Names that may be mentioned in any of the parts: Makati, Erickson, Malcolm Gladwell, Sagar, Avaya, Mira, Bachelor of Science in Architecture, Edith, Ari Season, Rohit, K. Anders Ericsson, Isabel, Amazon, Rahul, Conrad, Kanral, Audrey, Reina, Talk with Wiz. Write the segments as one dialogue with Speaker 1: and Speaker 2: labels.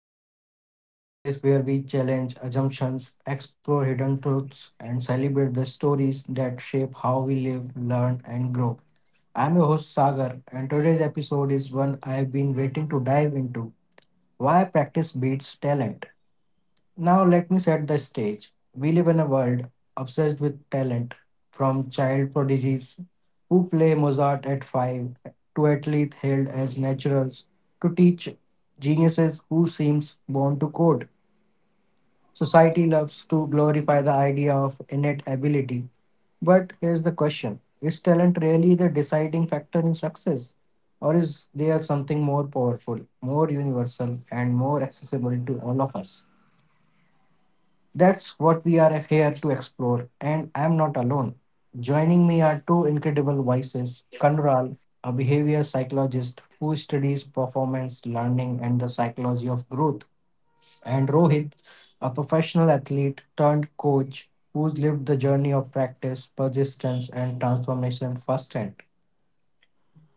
Speaker 1: Talk with Wiz, the space where we challenge assumptions, explore hidden truths, and celebrate the stories that shape how we live, learn, and grow. I'm your host Sagar, and today's episode is one I've been waiting to dive into: why practice beats talent. Now, let me set the stage. We live in a world obsessed with talent, from child prodigies who play Mozart at five, to athletes hailed as naturals, to teach geniuses who seems born to code. Society loves to glorify the idea of innate ability. But here's the question: is talent really the deciding factor in success? Or is there something more powerful, more universal, and more accessible to all of us? That's what we are here to explore, and I'm not alone. Joining me are two incredible voices: Kanral, a behavior psychologist who studies performance, learning, and the psychology of growth, and Rohit, a professional athlete turned coach who's lived the journey of practice, persistence, and transformation firsthand.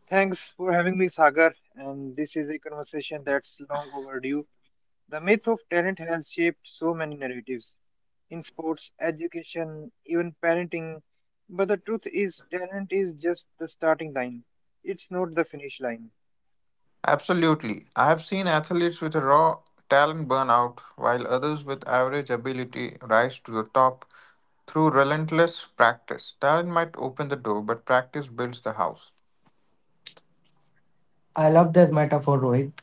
Speaker 2: Thanks for having me, Sagar. And this is a conversation that's long overdue. The myth of talent has shaped so many narratives in sports, education, even parenting. But the truth is, talent is just the starting line, it's not the finish line.
Speaker 3: Absolutely. I have seen athletes with raw talent burn out, while others with average ability rise to the top through relentless practice. Talent might open the door, but practice builds the house.
Speaker 1: I love that metaphor, Rohit,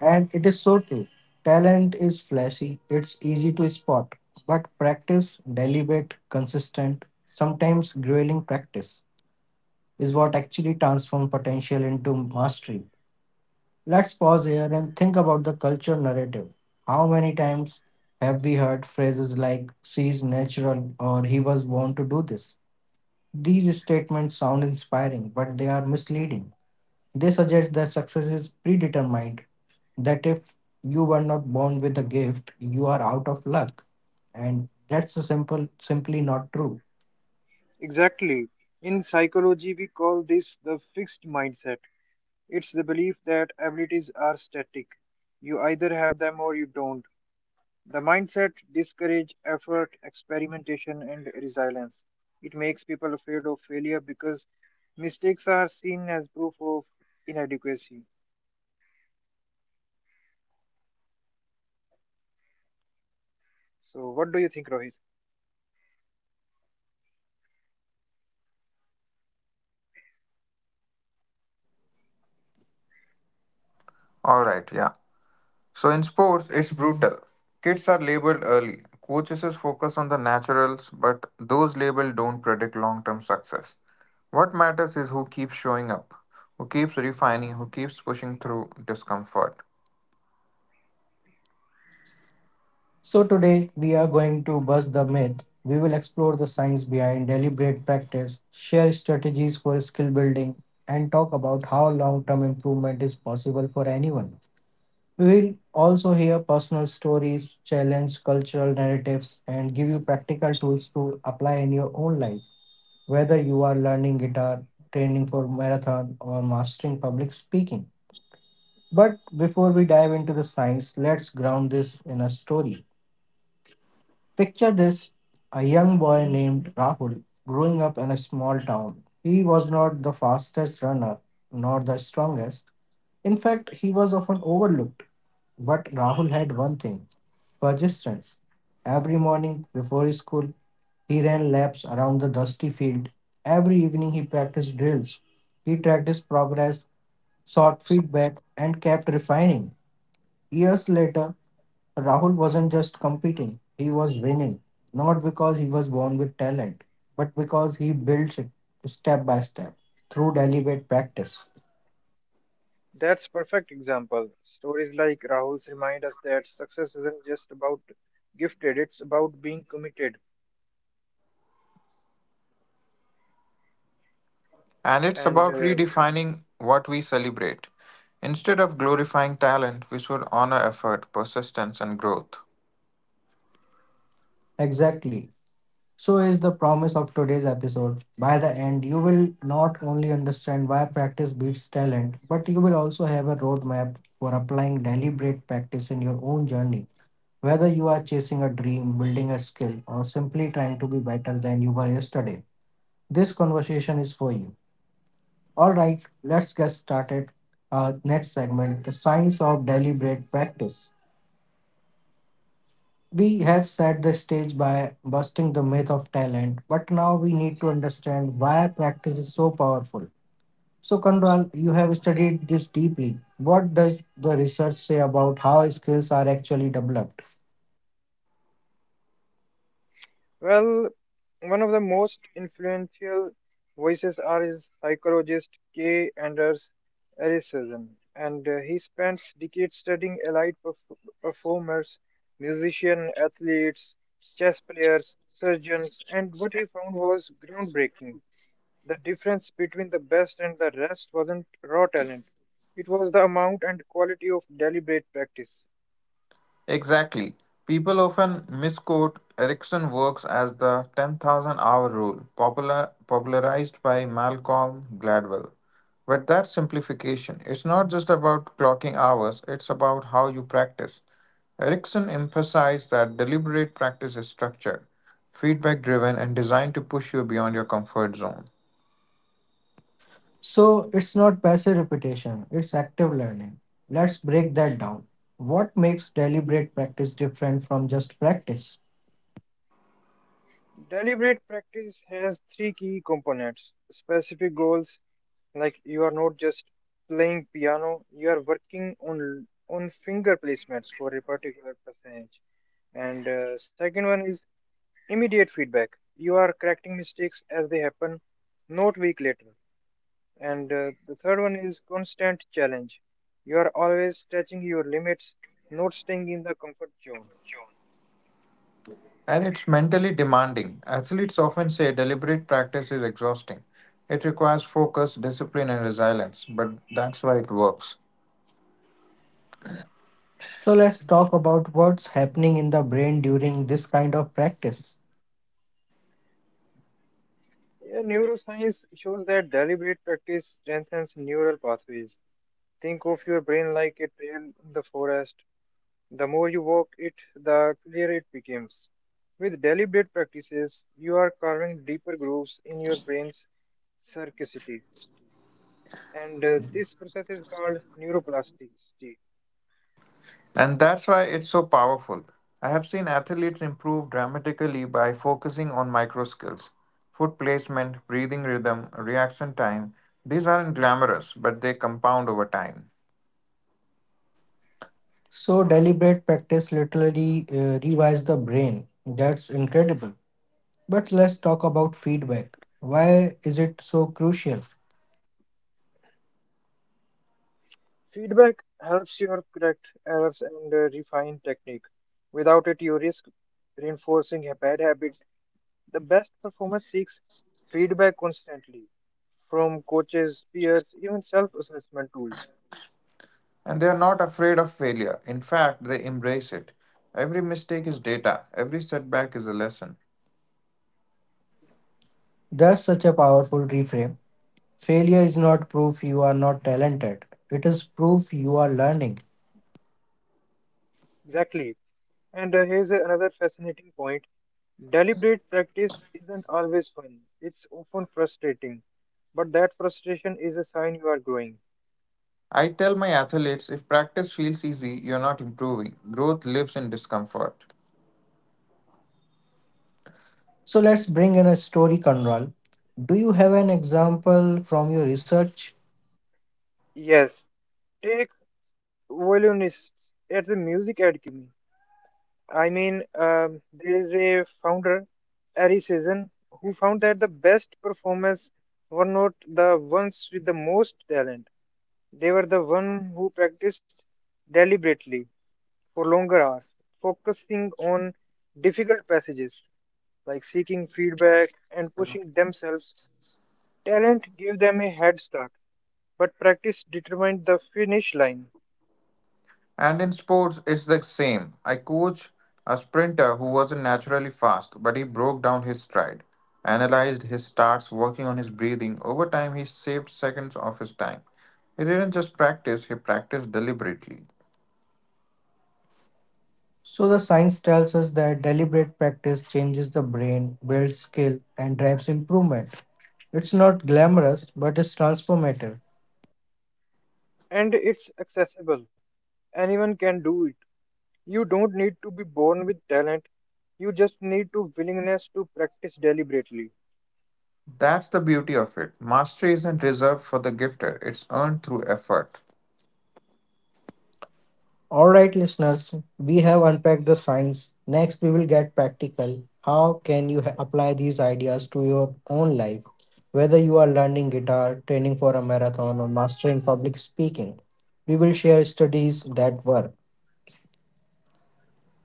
Speaker 1: and it is so true. Talent is flashy, it's easy to spot, but practice, deliberate, consistent, sometimes grueling practice, is what actually transforms potential into mastery. Let's pause here and think about the culture narrative. How many times have we heard phrases like she's natural or he was born to do this? These statements sound inspiring, but they are misleading. They suggest that success is predetermined, that if you were not born with a gift, you are out of luck. And that's a simply not true.
Speaker 2: Exactly. In psychology, we call this the fixed mindset. It's the belief that abilities are static. You either have them or you don't. The mindset discourages effort, experimentation, and resilience. It makes people afraid of failure because mistakes are seen as proof of inadequacy. So, what do you think, Rohit?
Speaker 3: All right, yeah. So in sports, it's brutal. Kids are labeled early. Coaches is focus on the naturals, but those labeled don't predict long term success. What matters is who keeps showing up, who keeps refining, who keeps pushing through discomfort.
Speaker 1: So, today we are going to bust the myth. We will explore the science behind deliberate practice, share strategies for skill building, and talk about how long term improvement is possible for anyone. We will also hear personal stories, challenge cultural narratives, and give you practical tools to apply in your own life, whether you are learning guitar, training for marathon, or mastering public speaking. But before we dive into the science, let's ground this in a story. Picture this: a young boy named Rahul growing up in a small town. He was not the fastest runner, nor the strongest. In fact, he was often overlooked. But Rahul had one thing: persistence. Every morning before school, he ran laps around the dusty field. Every evening, he practiced drills. He tracked his progress, sought feedback, and kept refining. Years later, Rahul wasn't just competing, he was winning, not because he was born with talent, but because he builds it step by step through deliberate practice.
Speaker 2: That's perfect example. Stories like Rahul's remind us that success isn't just about gifted; it's about being committed
Speaker 3: And it's
Speaker 2: and
Speaker 3: about
Speaker 2: uh,
Speaker 3: redefining what we celebrate. Instead of glorifying talent, we should honor effort, persistence, and growth.
Speaker 1: Exactly. So is the promise of today's episode. By the end, you will not only understand why practice beats talent, but you will also have a roadmap for applying deliberate practice in your own journey. Whether you are chasing a dream, building a skill, or simply trying to be better than you were yesterday, this conversation is for you. All right, let's get started. Our next segment, the science of deliberate practice. We have set the stage by busting the myth of talent, but now we need to understand why practice is so powerful. So, Kandral, you have studied this deeply. What does the research say about how skills are actually developed?
Speaker 2: Well, one of the most influential voices are his psychologist K. Anders Ericsson, and he spends decades studying elite performers, musicians, athletes, chess players, surgeons, and what he found was groundbreaking. The difference between the best and the rest wasn't raw talent. It was the amount and quality of deliberate practice.
Speaker 3: Exactly. People often misquote Erickson works as the 10,000 hour rule, popularized by Malcolm Gladwell. But that's simplification. It's not just about clocking hours, it's about how you practice. Erickson emphasized that deliberate practice is structured, feedback driven, and designed to push you beyond your comfort zone.
Speaker 1: So, it's not passive repetition, it's active learning. Let's break that down. What makes deliberate practice different from just practice?
Speaker 2: Deliberate practice has three key components specific goals, like you are not just playing piano, you are working on finger placements for a particular passage. And second one is immediate feedback. You are correcting mistakes as they happen, not week later. And the third one is constant challenge. You are always stretching your limits, not staying in the comfort zone.
Speaker 3: And it's mentally demanding. Athletes often say deliberate practice is exhausting. It requires focus, discipline, and resilience, but that's why it works.
Speaker 1: So let's talk about what's happening in the brain during this kind of practice.
Speaker 2: Yeah, neuroscience shows that deliberate practice strengthens neural pathways. Think of your brain like a trail in the forest. The more you work it, the clearer it becomes. With deliberate practices, you are carving deeper grooves in your brain's circuitry, and this process is called neuroplasticity.
Speaker 3: And that's why it's so powerful. I have seen athletes improve dramatically by focusing on micro skills: foot placement, breathing rhythm, reaction time. These aren't glamorous, but they compound over time.
Speaker 1: So deliberate practice literally rewires the brain. That's incredible. But let's talk about feedback. Why is it so crucial?
Speaker 2: Feedback helps you correct errors and refine technique. Without it, you risk reinforcing bad habits. The best performer seeks feedback constantly from coaches, peers, even self assessment tools.
Speaker 3: And they are not afraid of failure. In fact, they embrace it. Every mistake is data, every setback is a lesson.
Speaker 1: That's such a powerful reframe. Failure is not proof you are not talented. It is proof you are learning.
Speaker 2: Exactly. And here's another fascinating point. Deliberate practice isn't always fun, it's often frustrating, but that frustration is a sign you are growing.
Speaker 3: I tell my athletes, if practice feels easy, you're not improving. Growth lives in discomfort.
Speaker 1: So let's bring in a story, Conrad. Do you have an example from your research?
Speaker 2: Yes, take violinists at the music academy. There is a founder, Ari Season, who found that the best performers were not the ones with the most talent. They were the one who practiced deliberately for longer hours, focusing on difficult passages like seeking feedback and pushing themselves. Talent gave them a head start, but practice determined the finish line.
Speaker 3: And in sports, it's the same. I coach a sprinter who wasn't naturally fast, but he broke down his stride, analyzed his starts, working on his breathing. Over time, he saved seconds of his time. He didn't just practice, he practiced deliberately.
Speaker 1: So, the science tells us that deliberate practice changes the brain, builds skill, and drives improvement. It's not glamorous, but it's transformative.
Speaker 2: And it's accessible. Anyone can do it. You don't need to be born with talent. You just need to willingness to practice deliberately.
Speaker 3: That's the beauty of it. Mastery isn't reserved for the gifted; it's earned through effort.
Speaker 1: All right, listeners, we have unpacked the science. Next, we will get practical. How can you apply these ideas to your own life? Whether you are learning guitar, training for a marathon, or mastering public speaking, we will share studies that work.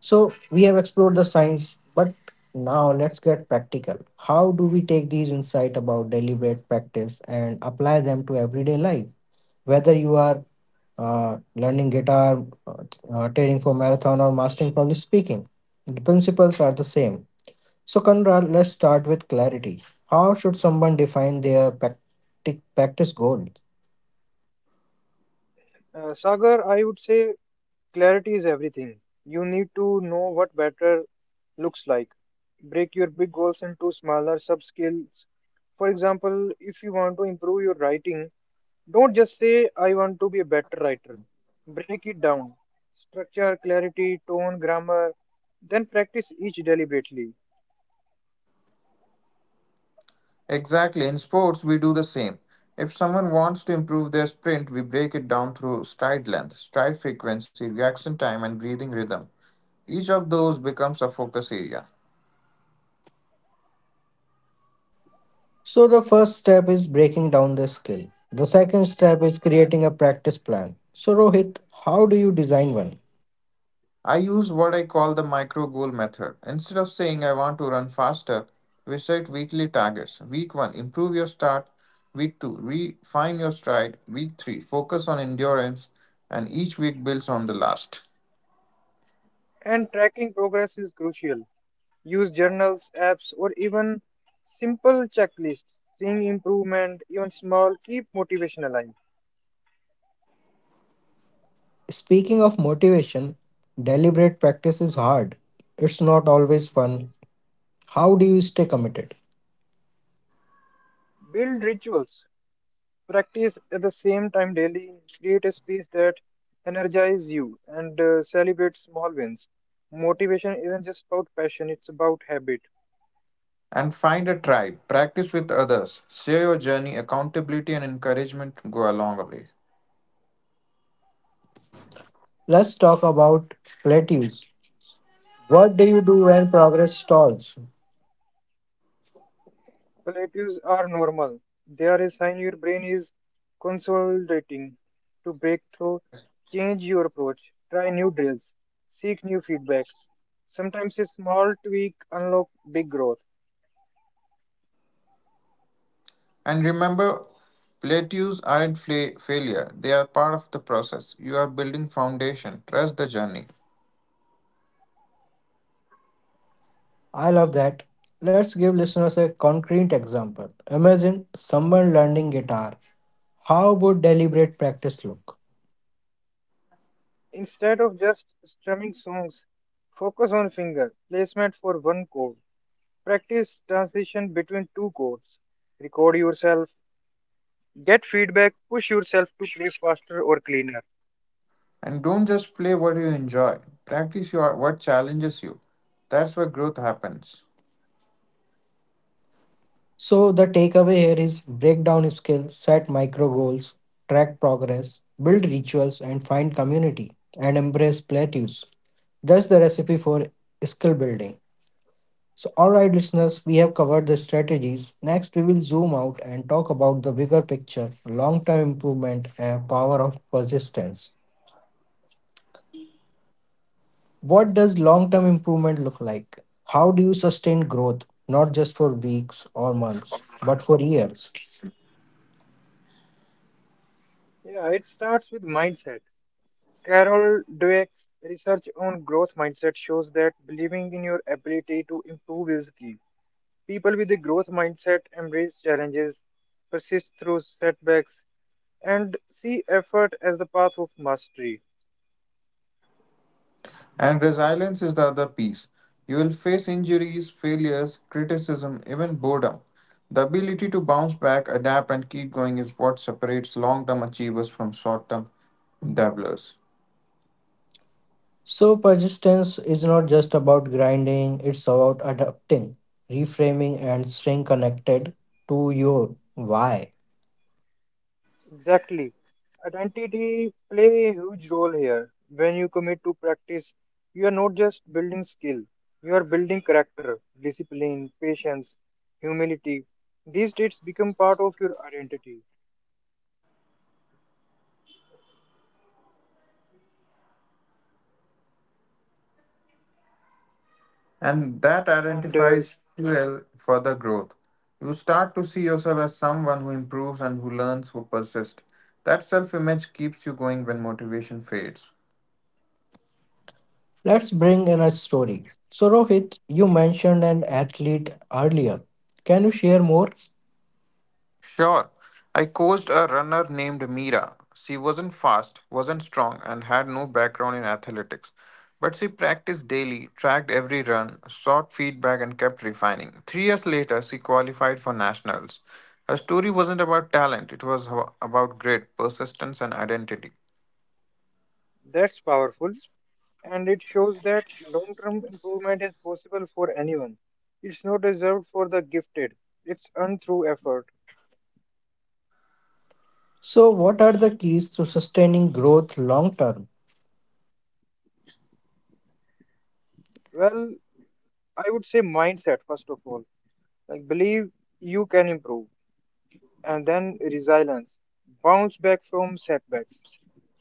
Speaker 1: So we have explored the science, but now let's get practical. How do we take these insights about deliberate practice and apply them to everyday life? Whether you are learning guitar, training for marathon, or mastering public speaking, the principles are the same. So, Conrad, let's start with clarity. How should someone define their practice goal?
Speaker 2: Sagar, I would say clarity is everything. You need to know what better looks like. Break your big goals into smaller sub-skills. For example, if you want to improve your writing, don't just say, I want to be a better writer. Break it down. Structure, clarity, tone, grammar. Then practice each deliberately.
Speaker 3: Exactly. In sports, we do the same. If someone wants to improve their sprint, we break it down through stride length, stride frequency, reaction time, and breathing rhythm. Each of those becomes a focus area.
Speaker 1: So, the first step is breaking down the skill. The second step is creating a practice plan. So, Rohit, how do you design one?
Speaker 3: I use what I call the micro goal method. Instead of saying I want to run faster, we set weekly targets. Week 1, improve your start. Week 2, refine your stride. Week 3, focus on endurance. And each week builds on the last.
Speaker 2: And tracking progress is crucial. Use journals, apps, or even simple checklists. Seeing improvement, even small, keep motivation alive.
Speaker 1: Speaking of motivation, deliberate practice is hard. It's not always fun. How do you stay committed?
Speaker 2: Build rituals. Practice at the same time daily. Create a space that energizes you and celebrate small wins. Motivation isn't just about passion, it's about habit.
Speaker 3: And find a tribe. Practice with others. Share your journey, accountability, and encouragement go a long way.
Speaker 1: Let's talk about plateaus. What do you do when progress stalls?
Speaker 2: Relatives are normal. They are a sign your brain is consolidating to break through, change your approach, try new drills, seek new feedback. Sometimes a small tweak unlock big growth.
Speaker 3: And remember, plateaus aren't failure, they are part of the process. You are building foundation. Trust the journey.
Speaker 1: I love that. Let's give listeners a concrete example. Imagine someone learning guitar. How would deliberate practice look?
Speaker 2: Instead of just strumming songs, focus on finger placement for one chord. Practice transition between two chords. Record yourself, get feedback, push yourself to play faster or cleaner.
Speaker 3: And don't just play what you enjoy, practice what challenges you. That's where growth happens.
Speaker 1: So, the takeaway here is break down skills, set micro goals, track progress, build rituals, and find community and embrace plateaus. That's the recipe for skill building. So, all right, listeners, we have covered the strategies. Next, we will zoom out and talk about the bigger picture: long term improvement and power of persistence. What does long term improvement look like? How do you sustain growth, not just for weeks or months, but for years?
Speaker 2: Yeah, it starts with mindset. Carol Dweck's research on growth mindset shows that believing in your ability to improve is key. People with a growth mindset embrace challenges, persist through setbacks, and see effort as the path of mastery.
Speaker 3: And resilience is the other piece. You will face injuries, failures, criticism, even boredom. The ability to bounce back, adapt, and keep going is what separates long term achievers from short term dabblers.
Speaker 1: So, persistence is not just about grinding, it's about adapting, reframing, and staying connected to your why.
Speaker 2: Exactly. Identity play a huge role here. When you commit to practice, you are not just building skill, you are building character, discipline, patience, humility. These traits become part of your identity.
Speaker 3: And that
Speaker 2: And
Speaker 3: identifies fuel for the growth. You start to see yourself as someone who improves and who learns, who persists. That self image keeps you going when motivation fades.
Speaker 1: Let's bring in a story. So, Rohit, you mentioned an athlete earlier. Can you share more?
Speaker 3: Sure, I coached a runner named Mira. She wasn't fast, wasn't strong, and had no background in athletics. But she practiced daily, tracked every run, sought feedback, and kept refining. 3 years later, she qualified for nationals. Her story wasn't about talent, it was about grit, persistence, and identity.
Speaker 2: That's powerful, and it shows that long term improvement is possible for anyone. It's not reserved for the gifted, it's earned through effort.
Speaker 1: So, what are the keys to sustaining growth long term?
Speaker 2: Well, I would say mindset, first of all. Like, believe you can improve, and then resilience, bounce back from setbacks.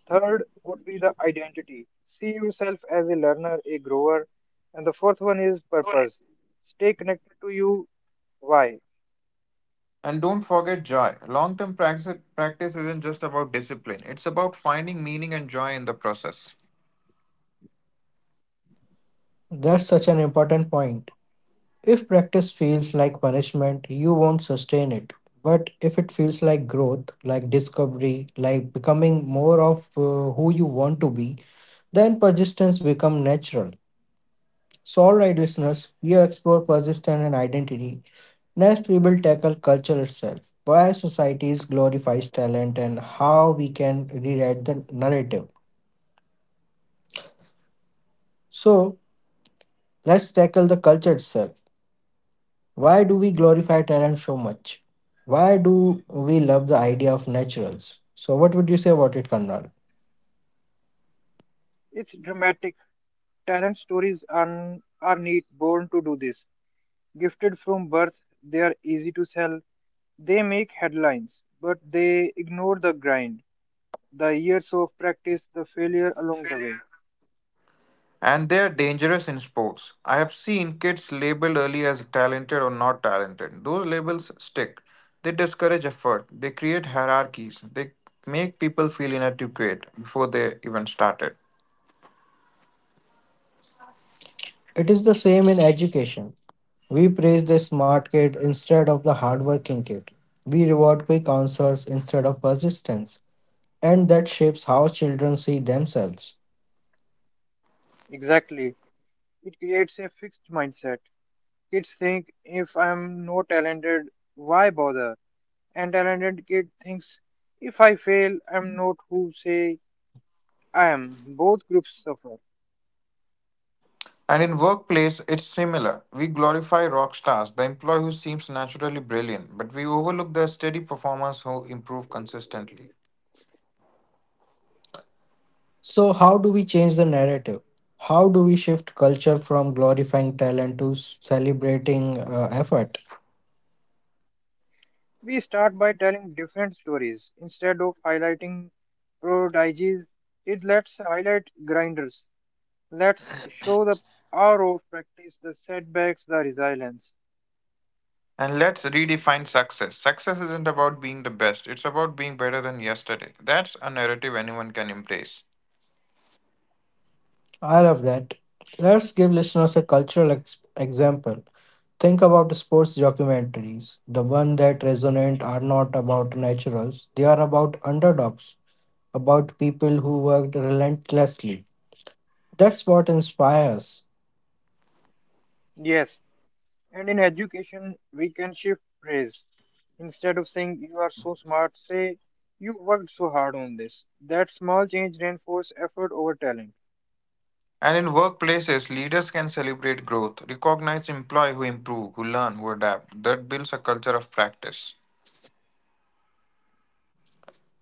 Speaker 2: Third would be the identity. See yourself as a learner, a grower. And the fourth one is purpose. Stay connected to you. Why?
Speaker 3: And don't forget joy. Long term practice isn't just about discipline, it's about finding meaning and joy in the process.
Speaker 1: That's such an important point. If practice feels like punishment, you won't sustain it. But if it feels like growth, like discovery, like becoming more of who you want to be, then persistence become natural. So, all right, listeners, we have explored persistence and identity. Next, we will tackle culture itself, why societies glorifies talent and how we can rewrite the narrative. So, let's tackle the culture itself. Why do we glorify talent so much? Why do we love the idea of naturals? So, what would you say about it, Karnal?
Speaker 2: It's dramatic. Talent stories are, neat, born to do this. Gifted from birth, they are easy to sell. They make headlines, but they ignore the grind, the years of practice, the failure along the way.
Speaker 3: And they're dangerous in sports. I have seen kids labeled early as talented or not talented. Those labels stick. They discourage effort, they create hierarchies, they make people feel inadequate before they even started.
Speaker 1: It is the same in education. We praise the smart kid instead of the hardworking kid. We reward quick answers instead of persistence. And that shapes how children see themselves.
Speaker 2: Exactly. It creates a fixed mindset. Kids think if I'm not talented, why bother? And talented kid thinks if I fail, I'm not who say I am. Both groups suffer.
Speaker 3: And in workplace, it's similar. We glorify rock stars, the employee who seems naturally brilliant, but we overlook the steady performers who improve consistently.
Speaker 1: So, how do we change the narrative? How do we shift culture from glorifying talent to celebrating effort?
Speaker 2: We start by telling different stories. Instead of highlighting prodigies, it lets highlight grinders. Let's show the power of practice, the setbacks, the resilience.
Speaker 3: And let's redefine success. Success isn't about being the best, it's about being better than yesterday. That's a narrative anyone can embrace.
Speaker 1: I love that. Let's give listeners a cultural example. Think about sports documentaries. The ones that resonate are not about naturals, they are about underdogs, about people who worked relentlessly. That's what inspires.
Speaker 2: Yes, and in education, we can shift praise. Instead of saying you are so smart, say you worked so hard on this. That small change reinforces effort over talent.
Speaker 3: And in workplaces, leaders can celebrate growth, recognize employees who improve, who learn, who adapt. That builds a culture of practice.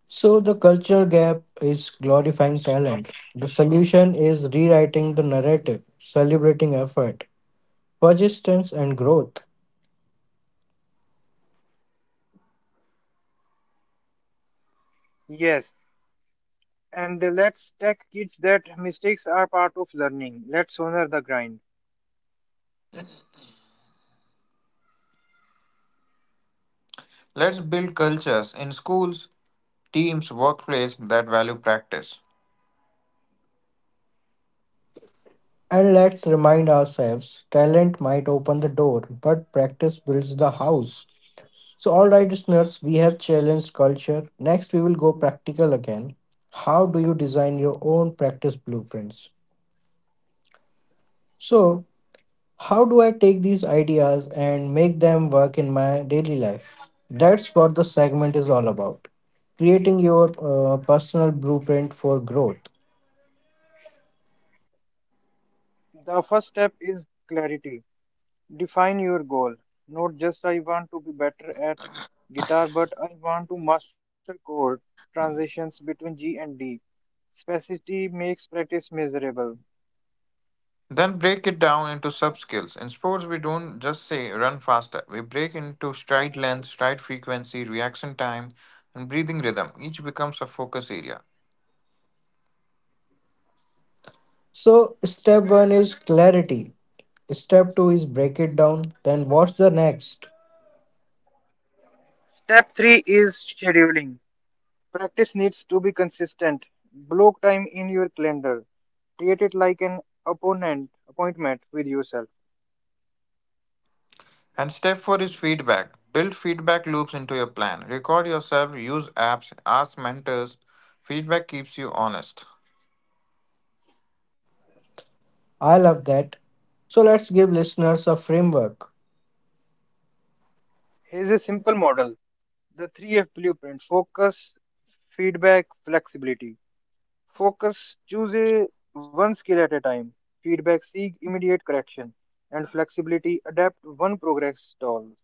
Speaker 1: So, the culture gap is glorifying talent. The solution is rewriting the narrative, celebrating effort, persistence, and growth.
Speaker 2: Yes, and let's tell kids that mistakes are part of learning. Let's honor the grind.
Speaker 3: Let's build cultures in schools, teams, workplace that value practice.
Speaker 1: And let's remind ourselves talent might open the door, but practice builds the house. So, all right, listeners, we have challenged culture. Next, we will go practical again. How do you design your own practice blueprints? So, how do I take these ideas and make them work in my daily life? That's what the segment is all about: creating your personal blueprint for growth.
Speaker 2: The first step is clarity. Define your goal. Not just I want to be better at guitar, but I want to master chord transitions between G and D. Specificity makes practice miserable.
Speaker 3: Then break it down into sub skills. In sports, we don't just say run faster. We break into stride length, stride frequency, reaction time, and breathing rhythm. Each becomes a focus area.
Speaker 1: So, step one is clarity, step two is break it down. Then, what's the next?
Speaker 2: Step 3 is scheduling. Practice needs to be consistent. Block time in your calendar. Treat it like an opponent appointment with yourself.
Speaker 3: And step four is feedback. Build feedback loops into your plan. Record yourself, use apps, ask mentors. Feedback keeps you honest.
Speaker 1: I love that. So, let's give listeners a framework.
Speaker 2: Here's a simple model. The 3F blueprint focus, feedback, flexibility. Focus, choose a one skill at a time. Feedback, seek immediate correction. And flexibility, adapt one progress stalls.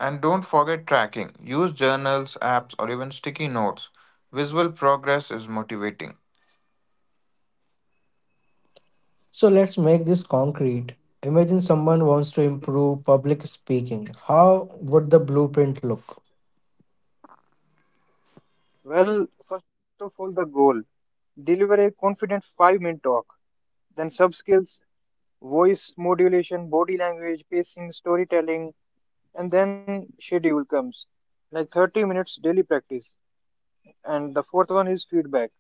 Speaker 3: And don't forget tracking. Use journals, apps, or even sticky notes. Visual progress is motivating.
Speaker 1: So let's make this concrete. Imagine someone wants to improve public speaking. How would the blueprint look?
Speaker 2: Well, first of all, the goal. Deliver a confident 5 minute talk. Then sub skills, voice modulation, body language, pacing, storytelling, and then schedule comes. Like 30 minutes daily practice. And the fourth one is feedback.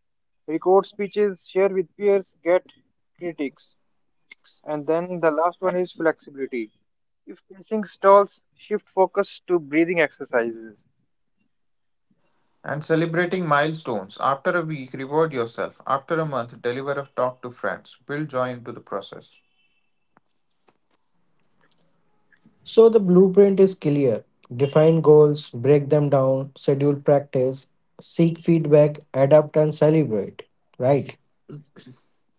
Speaker 2: Record speeches, share with peers, get critics. And then the last one is flexibility. If pacing stalls, shift focus to breathing exercises.
Speaker 3: And celebrating milestones. After a week, reward yourself. After a month, deliver a talk to friends. Build joy into the process.
Speaker 1: So the blueprint is clear. Define goals, break them down, schedule practice, seek feedback, adapt and celebrate. Right?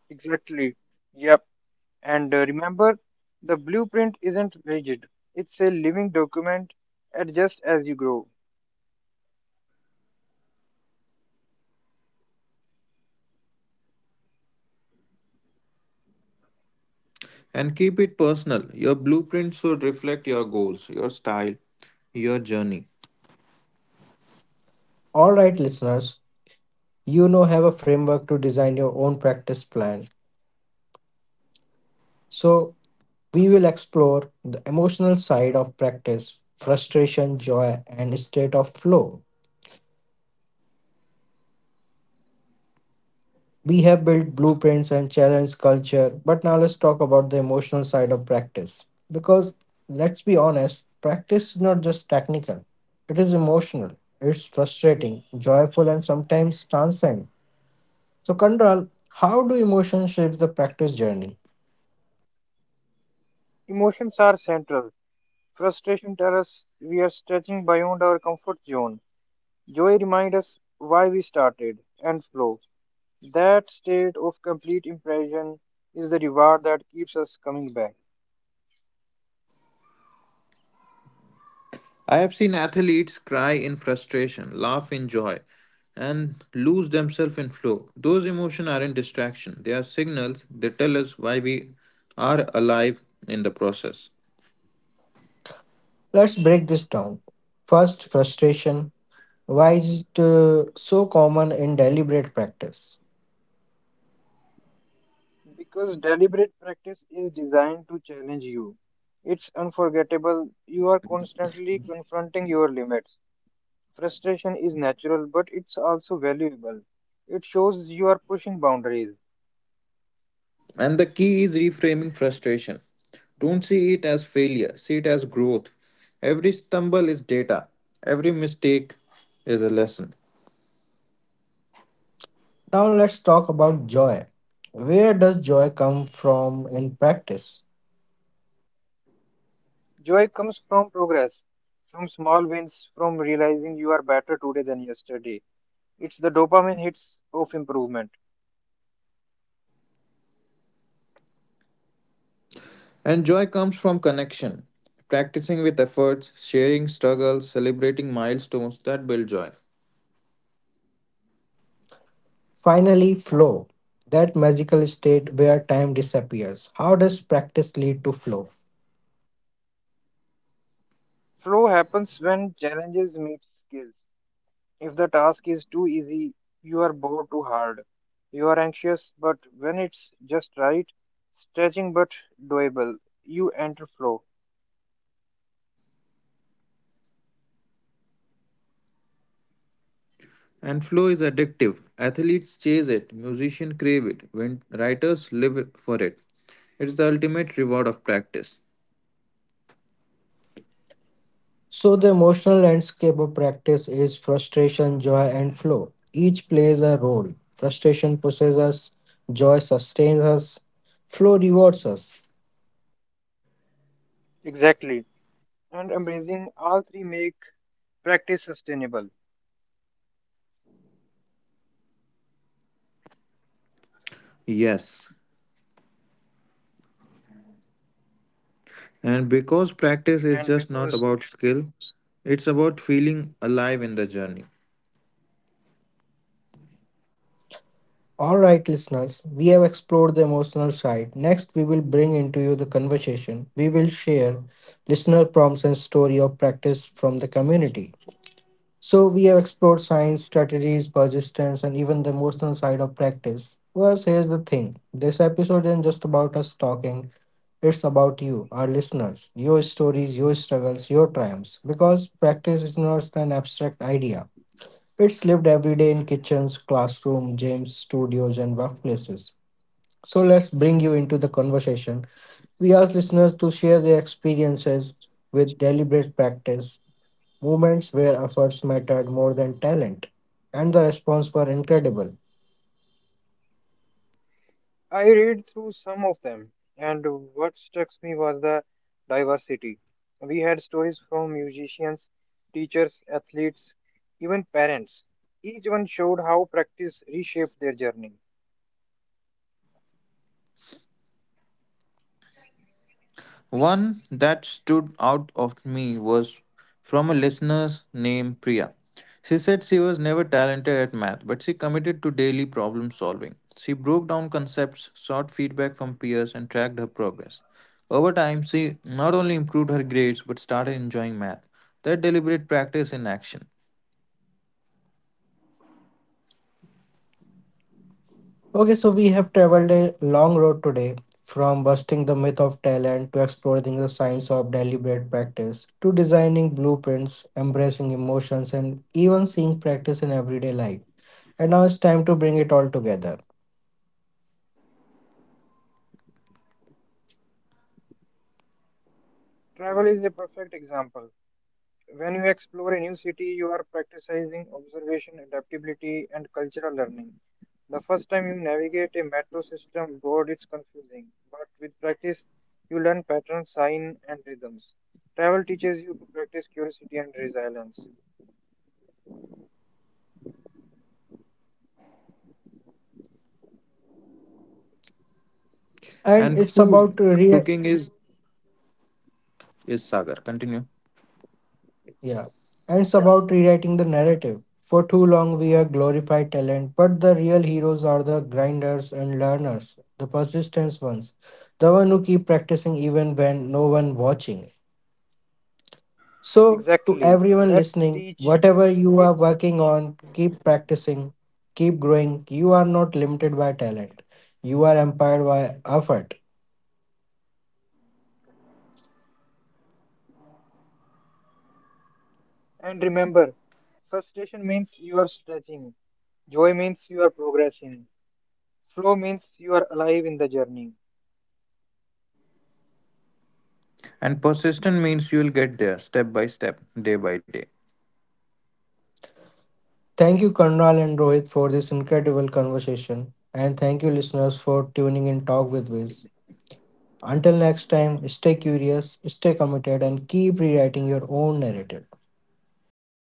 Speaker 2: Exactly. Yep. And remember, the blueprint isn't rigid, it's a living document, adjust as you grow.
Speaker 3: And keep it personal. Your blueprint should reflect your goals, your style, your journey.
Speaker 1: All right, listeners, you now have a framework to design your own practice plan. So we will explore the emotional side of practice, frustration, joy, and state of flow. We have built blueprints and challenged culture, but now let's talk about the emotional side of practice. Because let's be honest, practice is not just technical, it is emotional, it's frustrating, joyful, and sometimes transcend. So, Kandral, how do emotions shape the practice journey?
Speaker 2: Emotions are central. Frustration tells us we are stretching beyond our comfort zone. Joy reminds us why we started and flow. That state of complete impression is the reward that keeps us coming back.
Speaker 3: I have seen athletes cry in frustration, laugh in joy, and lose themselves in flow. Those emotions aren't distraction, they are signals. They tell us why we are alive in the process.
Speaker 1: Let's break this down. First, frustration. Why is it so common in deliberate practice?
Speaker 2: Because deliberate practice is designed to challenge you. It's unforgettable. You are constantly confronting your limits. Frustration is natural, but it's also valuable. It shows you are pushing boundaries.
Speaker 3: And the key is reframing frustration. Don't see it as failure, see it as growth. Every stumble is data, every mistake is a lesson.
Speaker 1: Now, let's talk about joy. Where does joy come from in practice?
Speaker 2: Joy comes from progress, from small wins, from realizing you are better today than yesterday. It's the dopamine hits of improvement.
Speaker 3: And joy comes from connection, practicing with efforts, sharing struggles, celebrating milestones that build joy.
Speaker 1: Finally, flow, that magical state where time disappears. How does practice lead to flow?
Speaker 2: Flow happens when challenges meet skills. If the task is too easy, you are bored too hard. You are anxious, but when it's just right, stretching but doable, you enter flow.
Speaker 3: And flow is addictive. Athletes chase it, musicians crave it, when writers live for it. It's the ultimate reward of practice.
Speaker 1: So, the emotional landscape of practice is frustration, joy, and flow. Each plays a role. Frustration pushes us, joy sustains us, flow rewards us.
Speaker 2: Exactly. And amazing, all three make practice sustainable.
Speaker 3: Yes. And because practice is
Speaker 2: And
Speaker 3: just not
Speaker 2: because
Speaker 3: about skill, it's about feeling alive in the journey.
Speaker 1: All right, listeners, we have explored the emotional side. Next, we will bring into you the conversation. We will share listener prompts and story of practice from the community. So we have explored science, strategies, persistence, and even the emotional side of practice. But here's the thing: this episode isn't just about us talking, it's about you, our listeners, your stories, your struggles, your triumphs. Because practice is not an abstract idea, it's lived every day in kitchens, classrooms, gyms, studios, and workplaces. So let's bring you into the conversation. We ask listeners to share their experiences with deliberate practice, moments where efforts mattered more than talent, and the response were incredible.
Speaker 2: I read through some of them, and what struck me was the diversity. We had stories from musicians, teachers, athletes, even parents. Each one showed how practice reshaped their journey.
Speaker 3: One that stood out of me was from a listener named Priya. She said she was never talented at math, but she committed to daily problem solving. She broke down concepts, sought feedback from peers, and tracked her progress. Over time, she not only improved her grades but started enjoying math. That deliberate practice in action.
Speaker 1: Okay, so we have traveled a long road today, from busting the myth of talent to exploring the science of deliberate practice to designing blueprints, embracing emotions, and even seeing practice in everyday life. And now it's time to bring it all together.
Speaker 2: Travel is a perfect example. When you explore a new city, you are practicing observation, adaptability, and cultural learning. The first time you navigate a metro system board, it's confusing, but with practice, you learn patterns, signs, and rhythms. Travel teaches you to practice curiosity and resilience.
Speaker 1: And
Speaker 3: And
Speaker 1: it's
Speaker 3: food
Speaker 1: about re-
Speaker 3: cooking is Sagar. Continue.
Speaker 1: Yeah. And it's about rewriting the narrative. For too long, we have glorified talent, but the real heroes are the grinders and learners, the persistent ones, the one who keep practicing even when no one watching. So, to
Speaker 2: Exactly.
Speaker 1: everyone
Speaker 2: Let's
Speaker 1: listening,
Speaker 2: teach
Speaker 1: whatever you are
Speaker 2: kids
Speaker 1: working on, keep practicing, keep growing. You are not limited by talent. You are empowered by effort.
Speaker 2: and remember frustration means you are stretching, joy means you are progressing, flow means you are alive in the journey.
Speaker 3: And persistent means you will get there step by step, day by day.
Speaker 1: Thank you, Karnal and Rohit, for this incredible conversation. And thank you, listeners, for tuning in Talk with Wiz. Until next time, stay curious, stay committed, and keep rewriting your own narrative.